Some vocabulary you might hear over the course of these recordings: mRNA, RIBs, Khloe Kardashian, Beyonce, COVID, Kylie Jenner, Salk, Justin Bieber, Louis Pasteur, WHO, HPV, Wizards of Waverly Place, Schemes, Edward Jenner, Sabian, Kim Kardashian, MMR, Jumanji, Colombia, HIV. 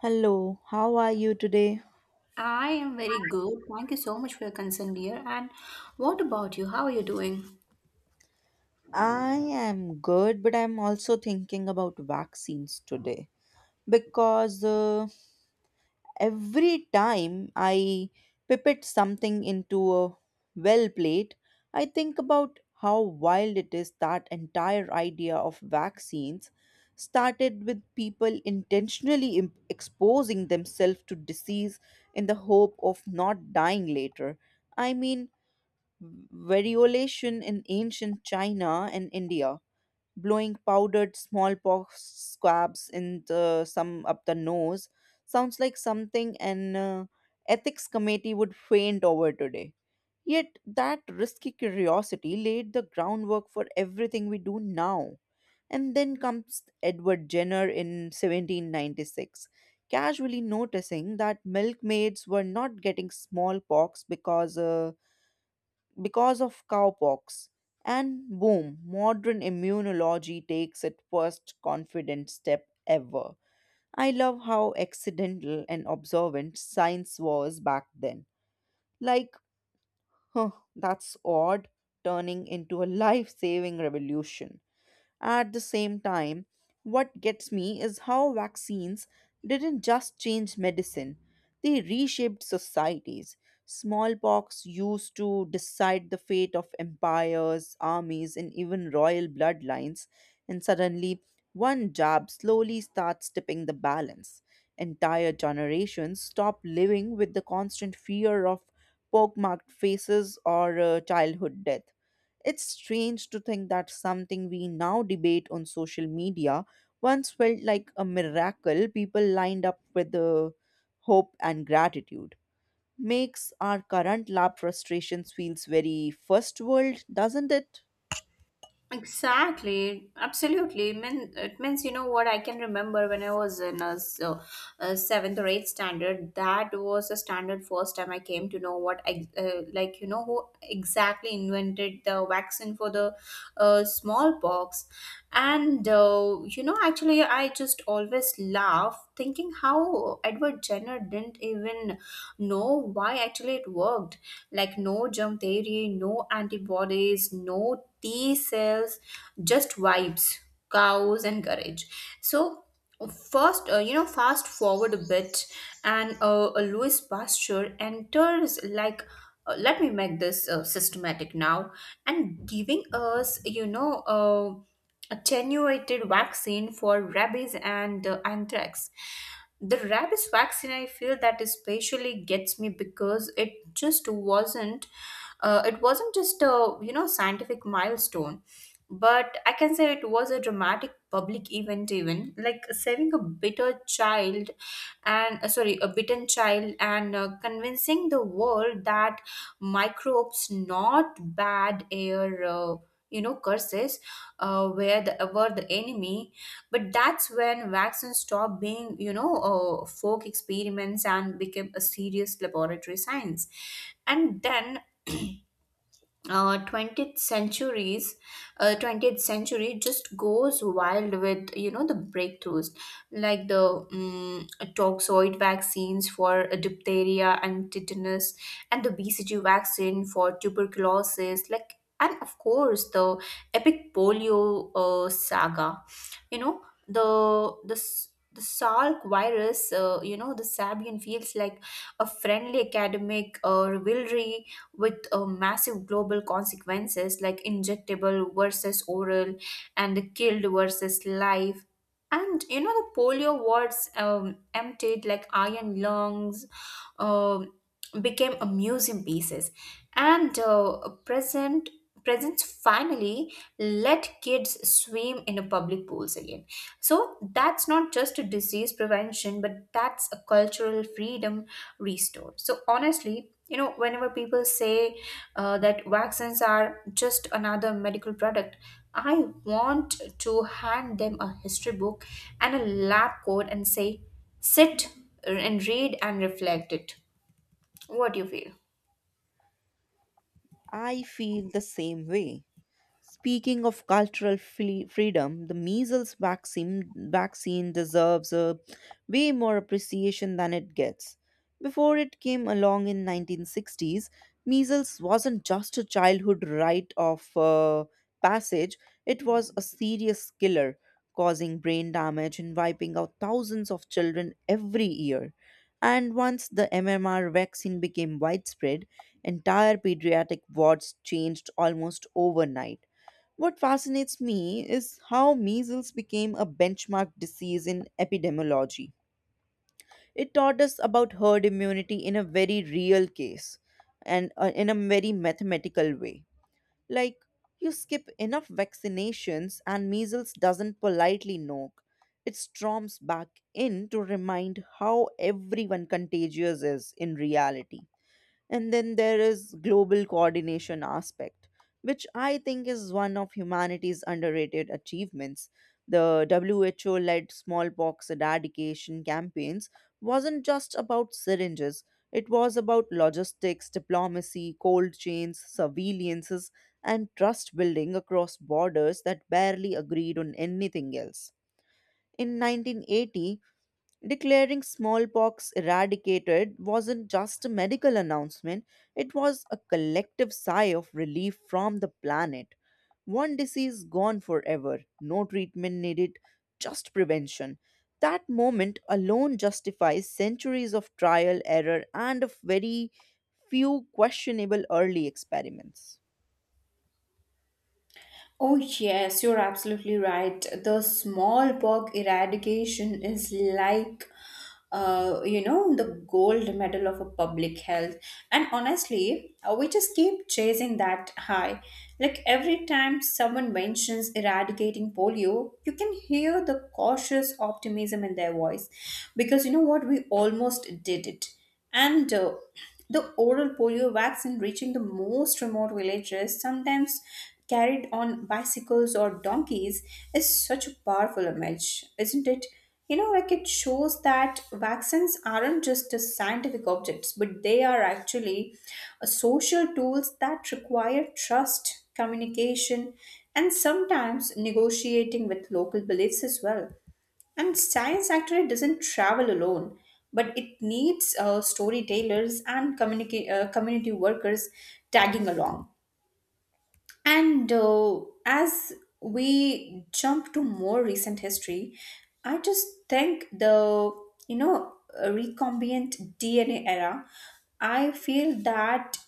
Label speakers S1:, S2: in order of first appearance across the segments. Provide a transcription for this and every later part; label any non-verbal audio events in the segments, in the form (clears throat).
S1: Hello, how are you today?
S2: I am very good. Thank you so much for your concern, dear. And what about you? How are you doing?
S1: I am good, but I'm also thinking about vaccines today because every time I pipette something into a well plate, I think about how wild it is that entire idea of vaccines started with people intentionally exposing themselves to disease in the hope of not dying later. I mean, variolation in ancient China and India, blowing powdered smallpox swabs in the, some up the nose, sounds like something an ethics committee would faint over today. Yet that risky curiosity laid the groundwork for everything we do now. And then comes Edward Jenner in 1796, casually noticing that milkmaids were not getting smallpox because of cowpox. And boom, modern immunology takes its first confident step ever. I love how accidental and observant science was back then. Like, huh, that's odd, turning into a (laughs) life saving revolution. At the same time, what gets me is how vaccines didn't just change medicine, they reshaped societies. Smallpox used to decide the fate of empires, armies, and even royal bloodlines, and suddenly one jab slowly starts tipping the balance. Entire generations stop living with the constant fear of pock marked faces or childhood death. It's strange to think that something we now debate on social media once felt like a miracle people lined up with the hope and gratitude. Makes our current lab frustrations feels very first world, doesn't it?
S2: Exactly, absolutely. It means what I can remember when I was in a seventh or eighth standard. That was a standard first time I came to know what who exactly invented the vaccine for the smallpox. Actually, I just always laugh thinking how Edward Jenner didn't even know why actually it worked. Like no jump theory, no antibodies, no T cells, just vibes, cows and courage. So first, fast forward a bit, and a Louis Pasteur enters like. Let me make this systematic now and giving us attenuated vaccine for rabies and anthrax. The rabies vaccine, I feel that especially gets me because it wasn't just a scientific milestone, but I can say it was a dramatic public event. Even like saving a bitter child, and sorry, a bitten child, and convincing the world that microbes, not bad air, curses where the were the enemy. But that's when vaccines stopped being, folk experiments and became a serious laboratory science. And then (clears throat) uh, 20th centuries uh, 20th century just goes wild with the breakthroughs like the um, toxoid vaccines for diphtheria and tetanus, and the bcg vaccine for tuberculosis, like, and of course the epic polio saga. You know the the s- the Salk virus, the Sabian, feels like a friendly academic rivalry with massive global consequences, like injectable versus oral and killed versus life. And you know, the polio wards emptied like iron lungs, um became a museum pieces. And presents finally let kids swim in the public pools again. So that's not just a disease prevention, but that's a cultural freedom restored. So honestly, you know, whenever people say that vaccines are just another medical product, I want to hand them a history book and a lab coat and say, sit and read and reflect it. What do you feel?
S1: I feel the same way. Speaking of cultural freedom, the measles vaccine deserves a way more appreciation than it gets. Before it came along in 1960s, measles wasn't just a childhood rite of passage, it was a serious killer, causing brain damage and wiping out thousands of children every year. And once the MMR vaccine became widespread, entire pediatric wards changed almost overnight. What fascinates me is how measles became a benchmark disease in epidemiology. It taught us about herd immunity in a very real case and in a very mathematical way. Like, you skip enough vaccinations and measles doesn't politely knock. It storms back in to remind how everyone contagious is in reality. And then there is global coordination aspect, which I think is one of humanity's underrated achievements. The WHO led smallpox eradication campaigns wasn't just about syringes, it was about logistics, diplomacy, cold chains, surveillances, and trust building across borders that barely agreed on anything else. In 1980, declaring smallpox eradicated wasn't just a medical announcement, it was a collective sigh of relief from the planet. One disease gone forever, no treatment needed, just prevention. That moment alone justifies centuries of trial, error, and of very few questionable early experiments.
S2: Oh, yes, you're absolutely right. The smallpox eradication is like, the gold medal of a public health. And honestly, we just keep chasing that high. Like every time someone mentions eradicating polio, you can hear the cautious optimism in their voice. Because you know what? We almost did it. And the oral polio vaccine reaching the most remote villages, sometimes carried on bicycles or donkeys, is such a powerful image, isn't it? You know, like it shows that vaccines aren't just a scientific objects, but they are actually a social tools that require trust, communication, and sometimes negotiating with local beliefs as well. And science actually doesn't travel alone, but it needs storytellers and community workers tagging along. And as we jump to more recent history, I just think the you know recombinant DNA era. I feel that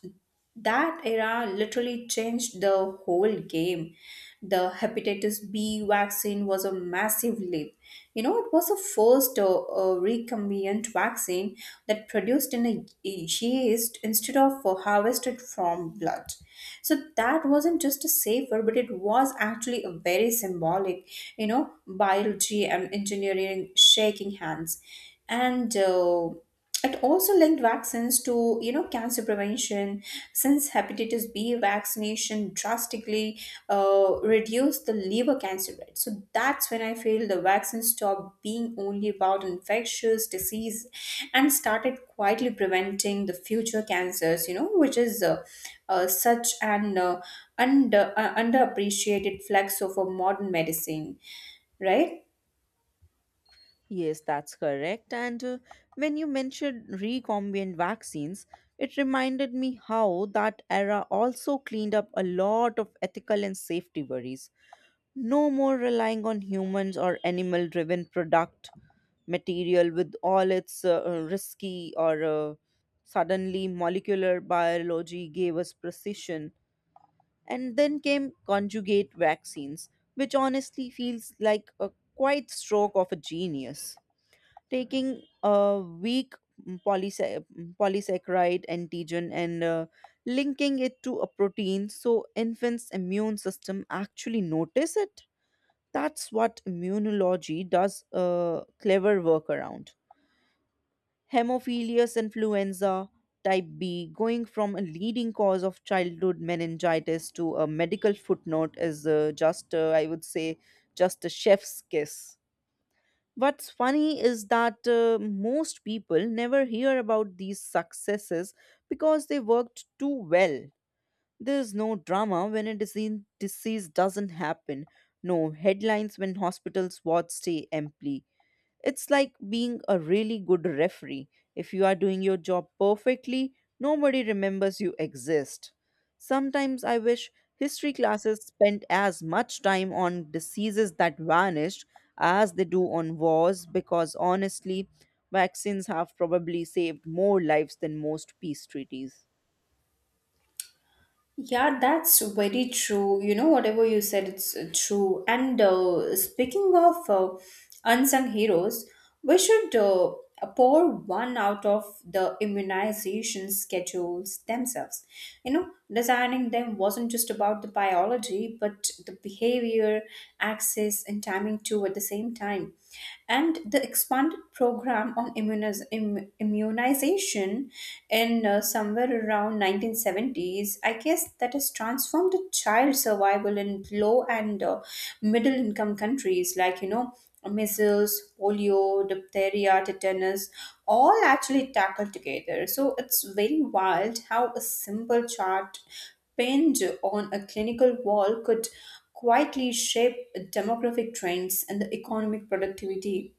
S2: that era literally changed the whole game. The hepatitis B vaccine was a massive leap. You know, it was the first recombinant vaccine that produced in a yeast instead of harvested from blood. So that wasn't just a safer, but it was actually a very symbolic, you know, biology and engineering shaking hands. And it also linked vaccines to, you know, cancer prevention, since hepatitis B vaccination drastically reduced the liver cancer rate. So that's when I feel the vaccine stopped being only about infectious disease and started quietly preventing the future cancers, you know, which is such an underappreciated flex of a modern medicine, right?
S1: Yes, that's correct. And when you mentioned recombinant vaccines, it reminded me how that era also cleaned up a lot of ethical and safety worries. No more relying on humans or animal driven product material with all its risky or suddenly molecular biology gave us precision. And then came conjugate vaccines, which honestly feels like a quite stroke of a genius taking a weak polysac polysaccharide antigen and linking it to a protein so infants immune system actually notice it. That's what immunology does, a clever workaround. Hemophilus influenza type b going from a leading cause of childhood meningitis to a medical footnote is just I would say just a chef's kiss. What's funny is that most people never hear about these successes because they worked too well. There's no drama when a disease doesn't happen, no headlines when hospitals wards stay empty, it's like being a really good referee. If you are doing your job perfectly, nobody remembers you exist. Sometimes I wish history classes spent as much time on diseases that vanished as they do on wars because honestly, vaccines have probably saved more lives than most peace treaties.
S2: Yeah, that's very true. You know, whatever you said, it's true. And speaking of unsung heroes, we should pour one out of the immunization schedules themselves. You know, designing them wasn't just about the biology, but the behavior, access, and timing too at the same time, and the expanded program on immunization education in somewhere around 1970s, I guess that has transformed the child survival in low and middle income countries, like, you know, measles, polio, diphtheria, tetanus, all actually tackled together. So it's very wild how a simple chart pinned on a clinical wall could quietly shape demographic trends and the economic productivity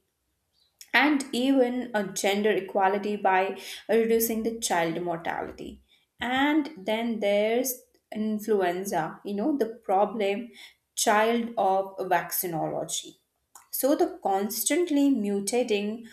S2: and even a gender equality by reducing the child mortality. And then there's influenza, you know, the problem child of vaccinology, so the constantly mutating,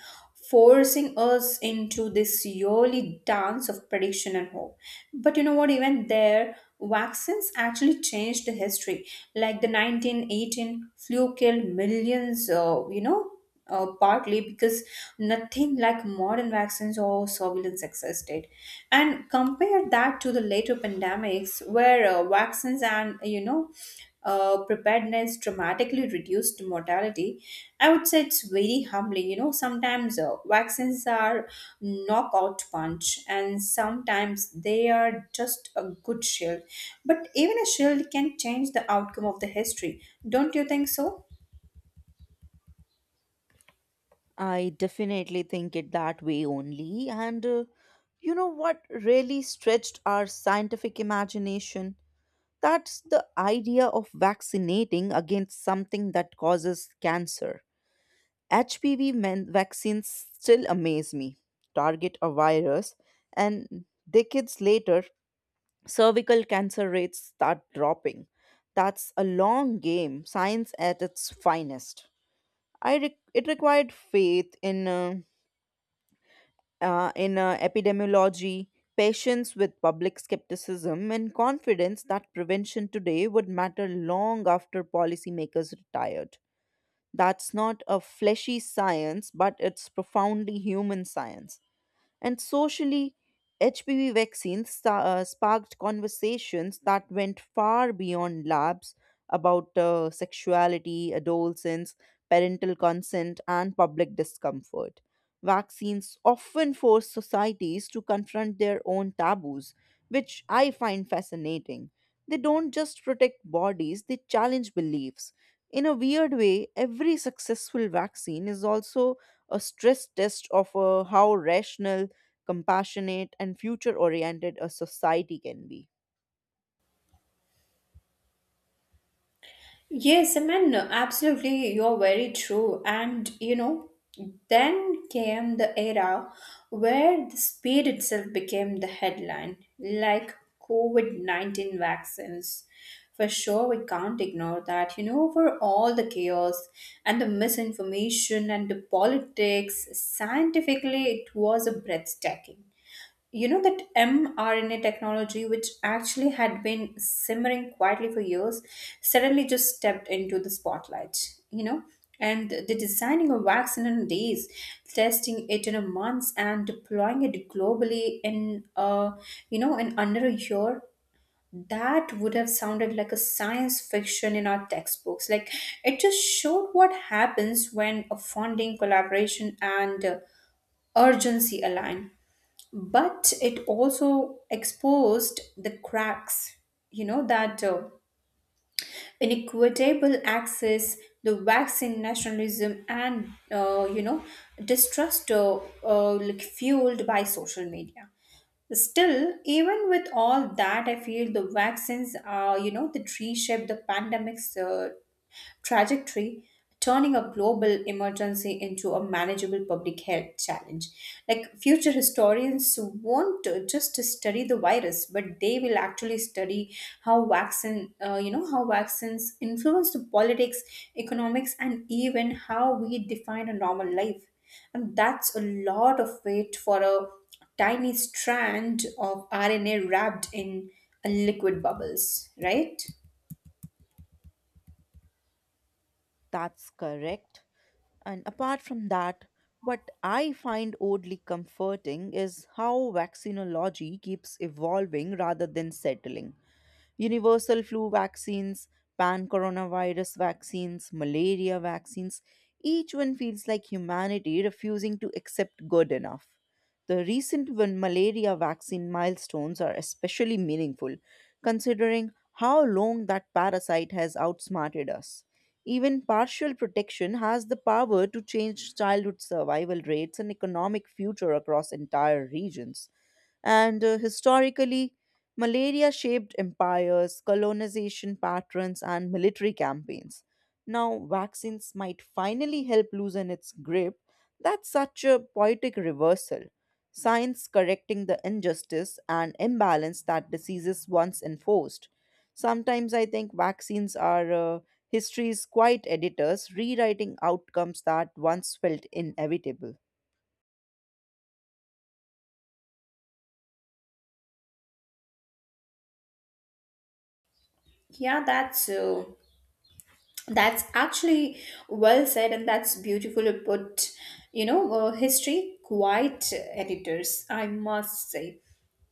S2: forcing us into this yearly dance of prediction and hope. But you know what, even there vaccines actually changed the history. Like the 1918 flu killed millions, partly because nothing like modern vaccines or surveillance existed. And compare that to the later pandemics where vaccines and, preparedness dramatically reduced mortality. I would say it's very humbling. You know, sometimes vaccines are knockout punch, and sometimes they are just a good shield. But even a shield can change the outcome of the history. Don't you think so?
S1: I definitely think it that way only. And you know what really stretched our scientific imagination? That's the idea of vaccinating against something that causes cancer. HPV men vaccines still amaze me. Target a virus, and decades later, cervical cancer rates start dropping. That's a long game, science at its finest. It required faith in epidemiology, patience with public skepticism, and confidence that prevention today would matter long after policymakers retired. That's not a fleshy science, but it's profoundly human science. And socially, HPV vaccines sparked conversations that went far beyond labs about sexuality, adolescence, parental consent, and public discomfort. Vaccines often force societies to confront their own taboos, which I find fascinating. They don't just protect bodies, they challenge beliefs. In a weird way, every successful vaccine is also a stress test of how rational, compassionate, and future oriented a society can be.
S2: Yes, I mean, absolutely, you're very true. And you know, then came the era where the speed itself became the headline, like COVID 19 vaccines. For sure, we can't ignore that. You know, for all the chaos and the misinformation and the politics, scientifically, it was a breathtaking. You know that mRNA technology, which actually had been simmering quietly for years, suddenly just stepped into the spotlight, you know? And the designing a vaccine in days, testing it in a month, and deploying it globally in in under a year, that would have sounded like a science fiction in our textbooks. Like it just showed what happens when a funding, collaboration, and urgency align. But it also exposed the cracks, you know, that inequitable access, the vaccine nationalism, and distrust, like fueled by social media. Still, even with all that, I feel the vaccines are, you know, that reshape the pandemic's trajectory, turning a global emergency into a manageable public health challenge. Like future historians won't just study the virus, but they will actually study how how vaccines influence the politics, economics, and even how we define a normal life. And that's a lot of weight for a tiny strand of RNA wrapped in a liquid bubbles, right?
S1: That's correct. And apart from that, what I find oddly comforting is how vaccinology keeps evolving rather than settling. Universal flu vaccines, pan coronavirus vaccines, malaria vaccines. Each one feels like humanity refusing to accept good enough. The recent malaria vaccine milestones are especially meaningful, considering how long that parasite has outsmarted us. Even partial protection has the power to change childhood survival rates and economic future across entire regions. And historically, malaria shaped empires, colonization patterns, and military campaigns. Now, vaccines might finally help loosen its grip. That's such a poetic reversal. Science correcting the injustice and imbalance that diseases once enforced. Sometimes I think vaccines are history's quiet editors rewriting outcomes that once felt inevitable.
S2: Yeah, that's actually well said, and that's beautifully put. You know, history quite editors, I must say.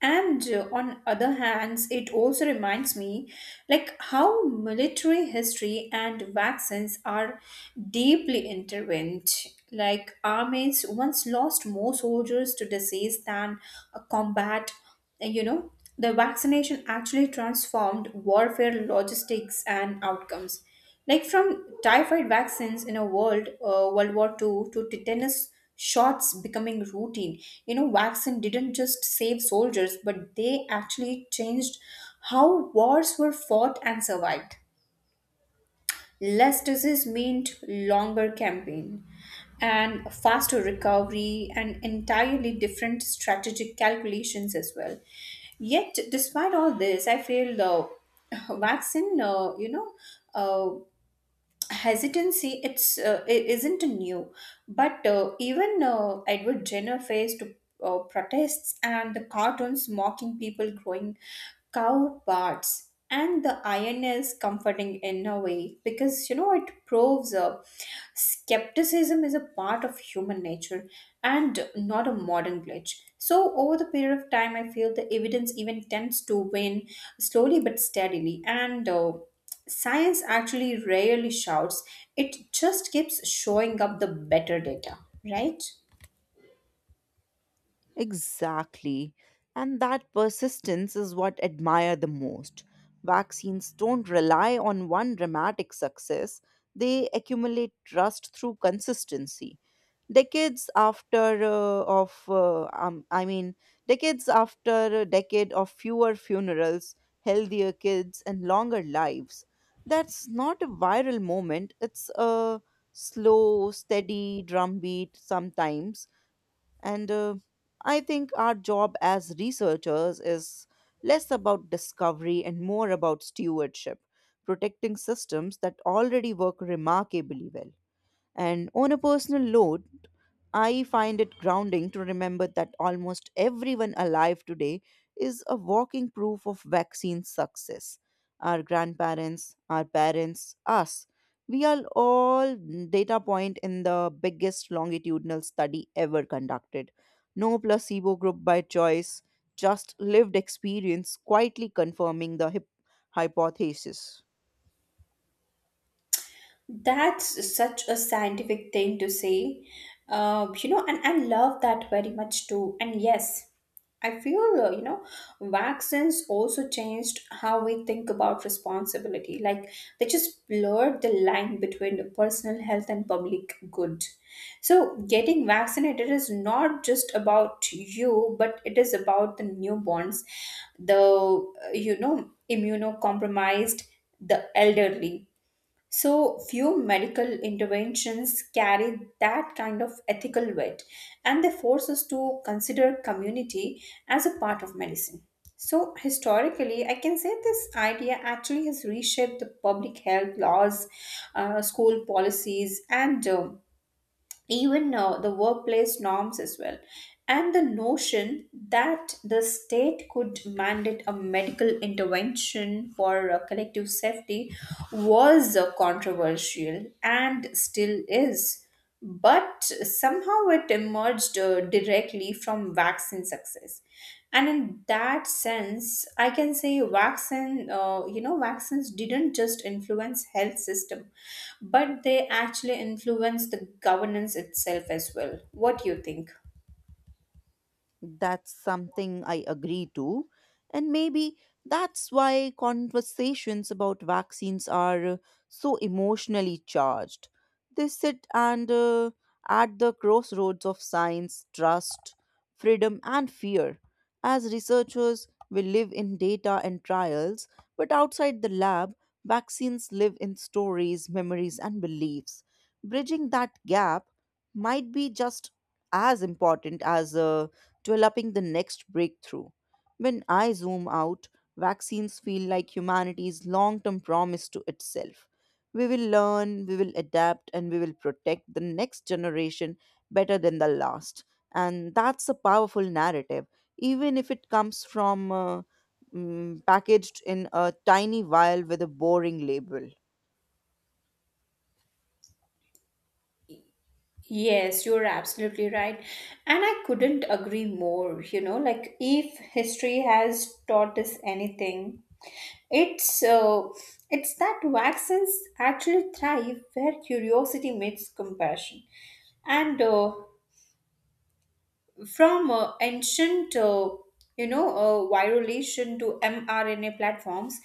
S2: And on other hands, it also reminds me like how military history and vaccines are deeply intertwined. Like armies once lost more soldiers to disease than a combat, and, you know, the vaccination actually transformed warfare logistics and outcomes, like from typhoid vaccines in a world war Two, to tetanus shots becoming routine. You know, vaccine didn't just save soldiers, but they actually changed how wars were fought and survived. Less disease meant longer campaign and faster recovery and entirely different strategic calculations as well. Yet, despite all this, I feel the vaccine, uh, you know, uh, hesitancy, it's I- isn't new. But even edward jenner faced protests and the cartoons mocking people growing cow parts, and the iron is comforting in a way, because you know it proves skepticism is a part of human nature and not a modern glitch. So over the period of time, I feel the evidence even tends to win slowly but steadily. And Science actually rarely shouts, it just keeps showing up the better data, right?
S1: Exactly. And that persistence is what I admire the most. Vaccines don't rely on one dramatic success, they accumulate trust through consistency. Decades after of I mean, decades after a decade of fewer funerals, healthier kids and longer lives. That's not a viral moment, it's a slow, steady drumbeat sometimes. And I think our job as researchers is less about discovery and more about stewardship, protecting systems that already work remarkably well. And on a personal note, I find it grounding to remember that almost everyone alive today is a walking proof of vaccine success. Our grandparents, our parents, us. We are all data point in the biggest longitudinal study ever conducted. No placebo group by choice, just lived experience quietly confirming the hypothesis.
S2: That's such a scientific thing to say. You know, and I love that very much too. And yes, I feel, vaccines also changed how we think about responsibility. Like, they just blurred the line between the personal health and public good. So, getting vaccinated is not just about you, but it is about the newborns, the immunocompromised, the elderly. So few medical interventions carry that kind of ethical weight, and they force us to consider community as a part of medicine. So historically, I can say this idea actually has reshaped the public health laws, school policies, and even now the workplace norms as well. And the notion that the state could mandate a medical intervention for collective safety was controversial, and still is, but somehow it emerged directly from vaccine success. And in that sense, I can say vaccines didn't just influence health system, but they actually influence the governance itself as well. What do you think?
S1: That's something I agree to. And maybe that's why conversations about vaccines are so emotionally charged. They sit and at the crossroads of science, trust, freedom, and fear. As researchers, we live in data and trials, but outside the lab, vaccines live in stories, memories, and beliefs. Bridging that gap might be just as important as developing the next breakthrough. When I zoom out, vaccines feel like humanity's long term promise to itself. We will learn, we will adapt, and we will protect the next generation better than the last. And that's a powerful narrative, even if it comes from packaged in a tiny vial with a boring label.
S2: Yes, you're absolutely right. And I couldn't agree more. You know, like if history has taught us anything, it's uh, it's that vaccines actually thrive where curiosity meets compassion. And from ancient virulation to mrna platforms,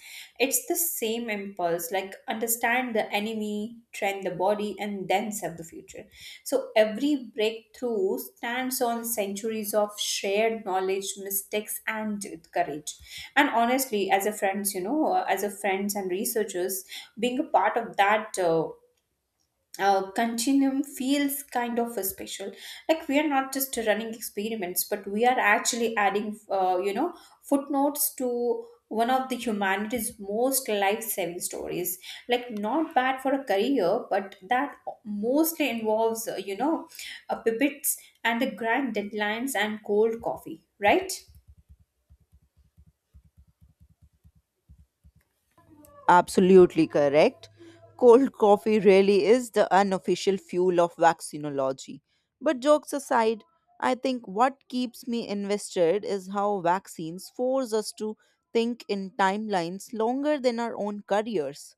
S2: it's the same impulse. Like, understand the enemy, train the body, and then serve the future. So every breakthrough stands on centuries of shared knowledge, mistakes, and courage. And honestly, as a friends and researchers, being a part of that continuum feels kind of a special. Like, we are not just running experiments, but we are actually adding footnotes to one of the humanity's most life-saving stories. Like, not bad for a career, but that mostly involves pivots and the grand deadlines and cold coffee, right?
S1: Absolutely correct. Cold coffee really is the unofficial fuel of vaccinology. But jokes aside, I think what keeps me invested is how vaccines force us to think in timelines longer than our own careers.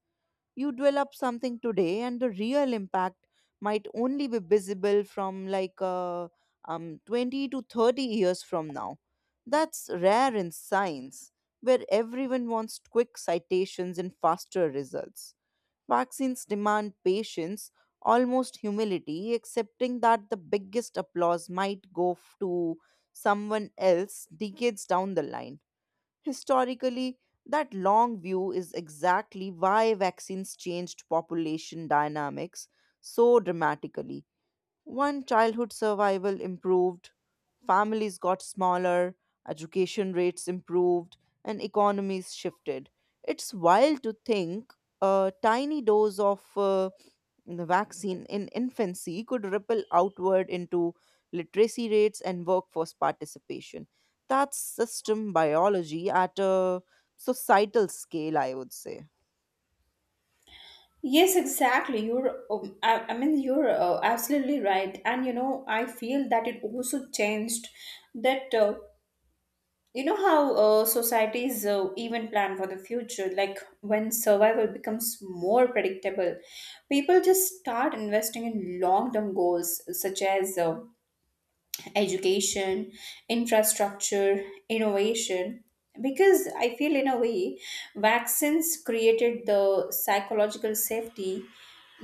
S1: You develop something today and the real impact might only be visible from like 20 to 30 years from now. That's rare in science where everyone wants quick citations and faster results. Vaccines demand patience, almost humility, accepting that the biggest applause might go to someone else decades down the line. Historically, that long view is exactly why vaccines changed population dynamics so dramatically. One childhood survival improved, families got smaller, education rates improved, and economies shifted. It's wild to think a tiny dose of the vaccine in infancy could ripple outward into literacy rates and workforce participation. That's system biology at a societal scale, I would say.
S2: Yes, exactly. You're, I mean, you're absolutely right. And you know, I feel that it also changed that you know how societies even plan for the future. Like, when survival becomes more predictable, people just start investing in long term goals such as education, infrastructure, innovation. Because I feel, in a way, vaccines created the psychological safety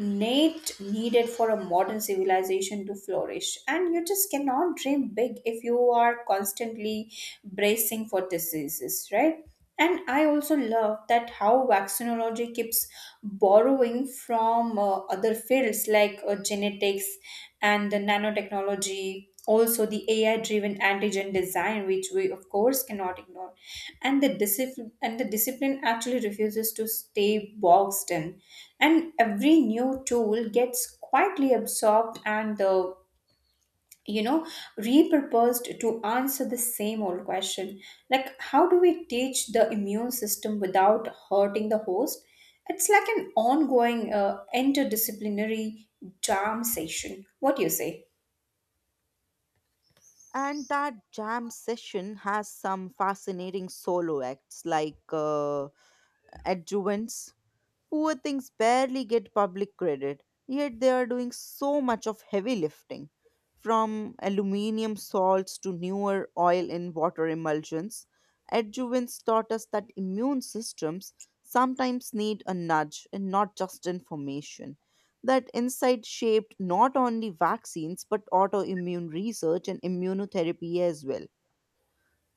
S2: needed for a modern civilization to flourish. And you just cannot dream big if you are constantly bracing for diseases, right? And I also love that how vaccinology keeps borrowing from other fields, like genetics and the nanotechnology, also the AI driven antigen design, which we of course cannot ignore. And the discipline actually refuses to stay boxed in, and every new tool gets quietly absorbed and you know repurposed to answer the same old question, like how do we teach the immune system without hurting the host. It's like an ongoing interdisciplinary jam session, what do you say?
S1: And that jam session has some fascinating solo acts like adjuvants. Poor things barely get public credit, yet they are doing so much of heavy lifting. From aluminium salts to newer oil and water emulsions, adjuvants taught us that immune systems sometimes need a nudge and not just information. That insight shaped not only vaccines but autoimmune research and immunotherapy as well.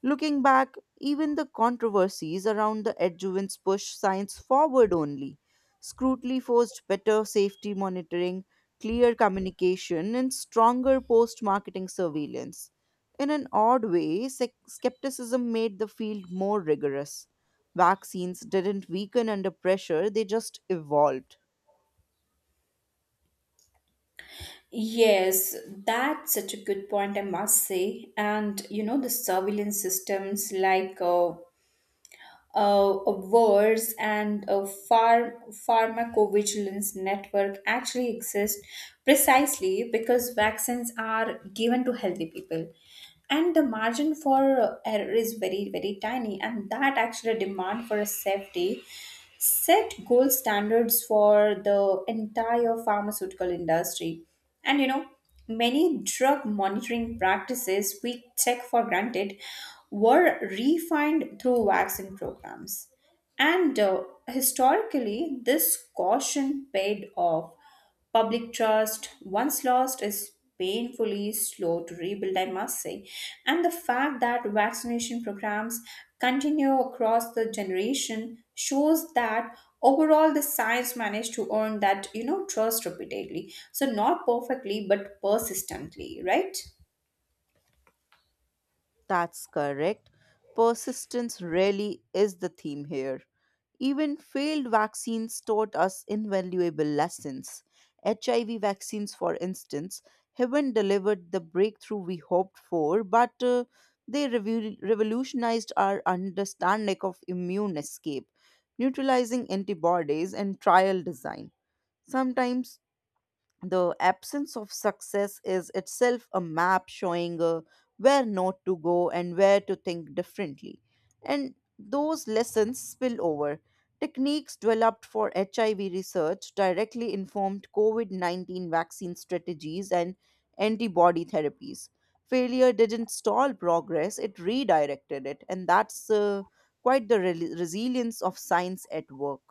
S1: Looking back, even the controversies around the adjuvants push science forward only. Scrutiny forced better safety monitoring, clear communication, and stronger post marketing surveillance. In an odd way, skepticism made the field more rigorous. Vaccines didn't weaken under pressure, they just evolved.
S2: Yes, that's such a good point, I must say. And you know, the surveillance systems, like wars and a farm pharmacovigilance network, actually exist precisely because vaccines are given to healthy people, and the margin for error is very very tiny, and that actually demand for a safety set gold standards for the entire pharmaceutical industry. And you know, many drug monitoring practices we take for granted were refined through vaccine programs. And historically, this caution paid off. Public trust, once lost, is painfully slow to rebuild, I must say. And the fact that vaccination programs continue across the generation shows that overall the science managed to earn that, you know, trust repeatedly. So, not perfectly, but persistently, right?
S1: That's correct. Persistence really is the theme here. Even failed vaccines taught us invaluable lessons. HIV vaccines, for instance, haven't delivered the breakthrough we hoped for, but they revolutionized our understanding of immune escape, neutralizing antibodies, and trial design. Sometimes the absence of success is itself a map showing where not to go and where to think differently. And those lessons spill over. Techniques developed for HIV research directly informed COVID-19 vaccine strategies and antibody therapies. Failure didn't stall progress, it redirected it. And that's quite the resilience of science at work.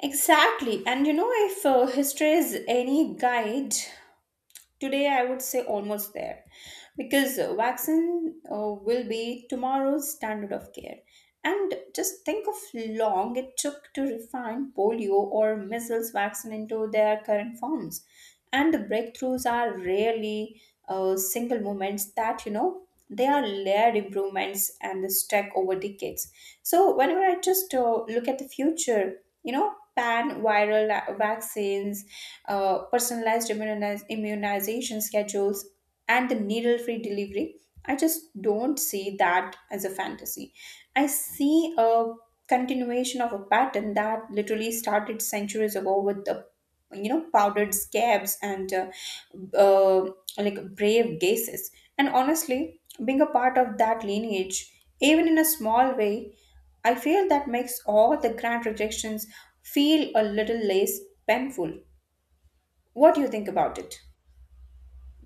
S2: Exactly. And you know, if history is any guide, today I would say almost there, because vaccine will be tomorrow's standard of care. And just think of long it took to refine polio or measles vaccine into their current forms. And the breakthroughs are rarely single moments. That you know They are layered improvements and the stack over decades. So whenever I just look at the future, you know, pan viral vaccines, personalized immunization schedules, and the needle free delivery, I just don't see that as a fantasy. I see a continuation of a pattern that literally started centuries ago with the, you know, powdered scabs and uh, like brave gazes. And honestly, being a part of that lineage, even in a small way, I feel that makes all the grand rejections feel a little less painful. What do you think about it?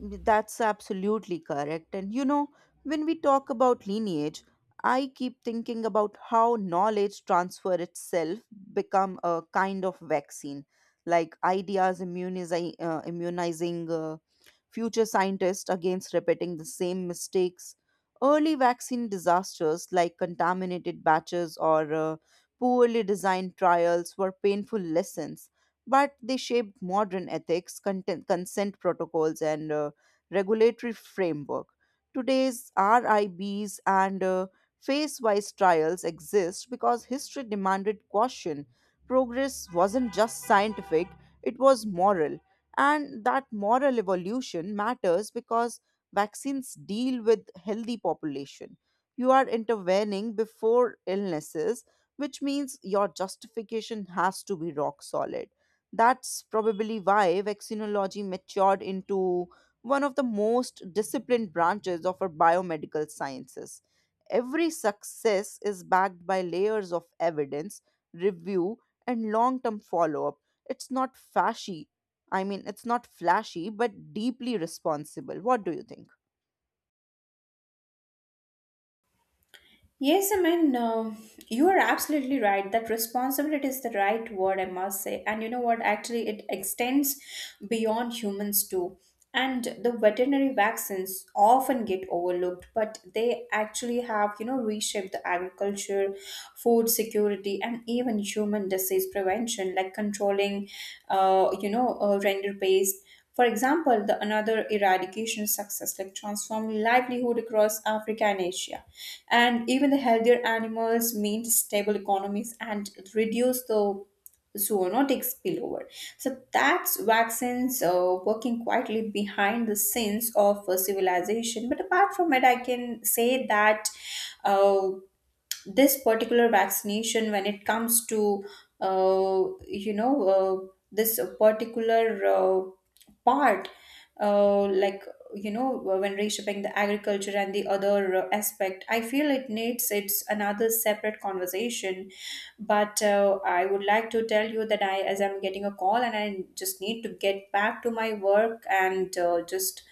S1: Mm, that's absolutely correct. And you know, when we talk about lineage, I keep thinking about how knowledge transfer itself become a kind of vaccine, like ideas immunizing future scientists against repeating the same mistakes. Early vaccine disasters like contaminated batches or poorly designed trials were painful lessons, but they shaped modern ethics, content, consent protocols, and regulatory framework. Today's RIBs and phase wise trials exist because history demanded caution. Progress wasn't just scientific, it was moral, and that moral evolution matters because vaccines deal with healthy population. You are intervening before illnesses, which means your justification has to be rock solid. That's probably why vaccinology matured into one of the most disciplined branches of our biomedical sciences. Every success is backed by layers of evidence, review, and long term follow up. It's not flashy, I mean, it's not flashy, but deeply responsible. What do you think?
S2: Yes, I mean, you are absolutely right. That responsibility is the right word, I must say. And you know what? Actually, it extends beyond humans too. And the veterinary vaccines often get overlooked, but they actually have, you know, reshaped the agriculture, food security, and even human disease prevention, like controlling, render pest for example. The another eradication success like transformed livelihood across Africa and Asia. And even the healthier animals mean stable economies and reduce the zoonotic spillover. So that's vaccines working quietly behind the scenes of civilization. But apart from it, I can say that uh, this particular vaccination, when it comes to uh, you know uh, this particular part, uh, like when reshaping the agriculture and the other aspect, I feel it needs its another separate conversation. But I would like to tell you that, I, as I'm getting a call and I just need to get back to my work, and uh, just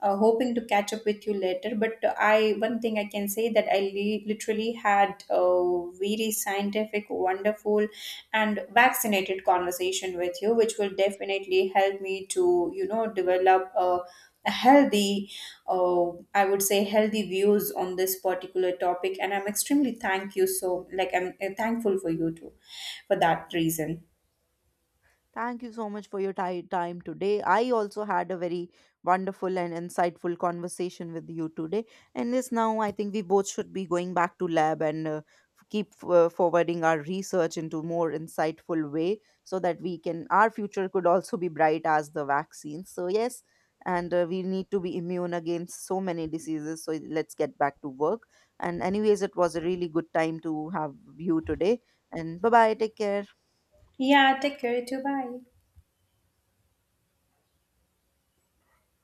S2: uh, hoping to catch up with you later. But I, one thing I can say, that I literally had a very scientific, wonderful, and vaccinated conversation with you, which will definitely help me to, you know, develop a healthy, uh, I would say, healthy views on this particular topic. And I'm extremely thank you. So, like, I'm thankful for you too for that reason.
S1: Thank you so much for your time today. I also had a very wonderful and insightful conversation with you today. And this now, I think we both should be going back to lab and keep forwarding our research into more insightful way so that we can our future could also be bright as the vaccine. So yes, and we need to be immune against so many diseases. So let's get back to work. And anyways, it was a really good time to have you today. And bye bye. Take care.
S2: Yeah, take care, you too, bye.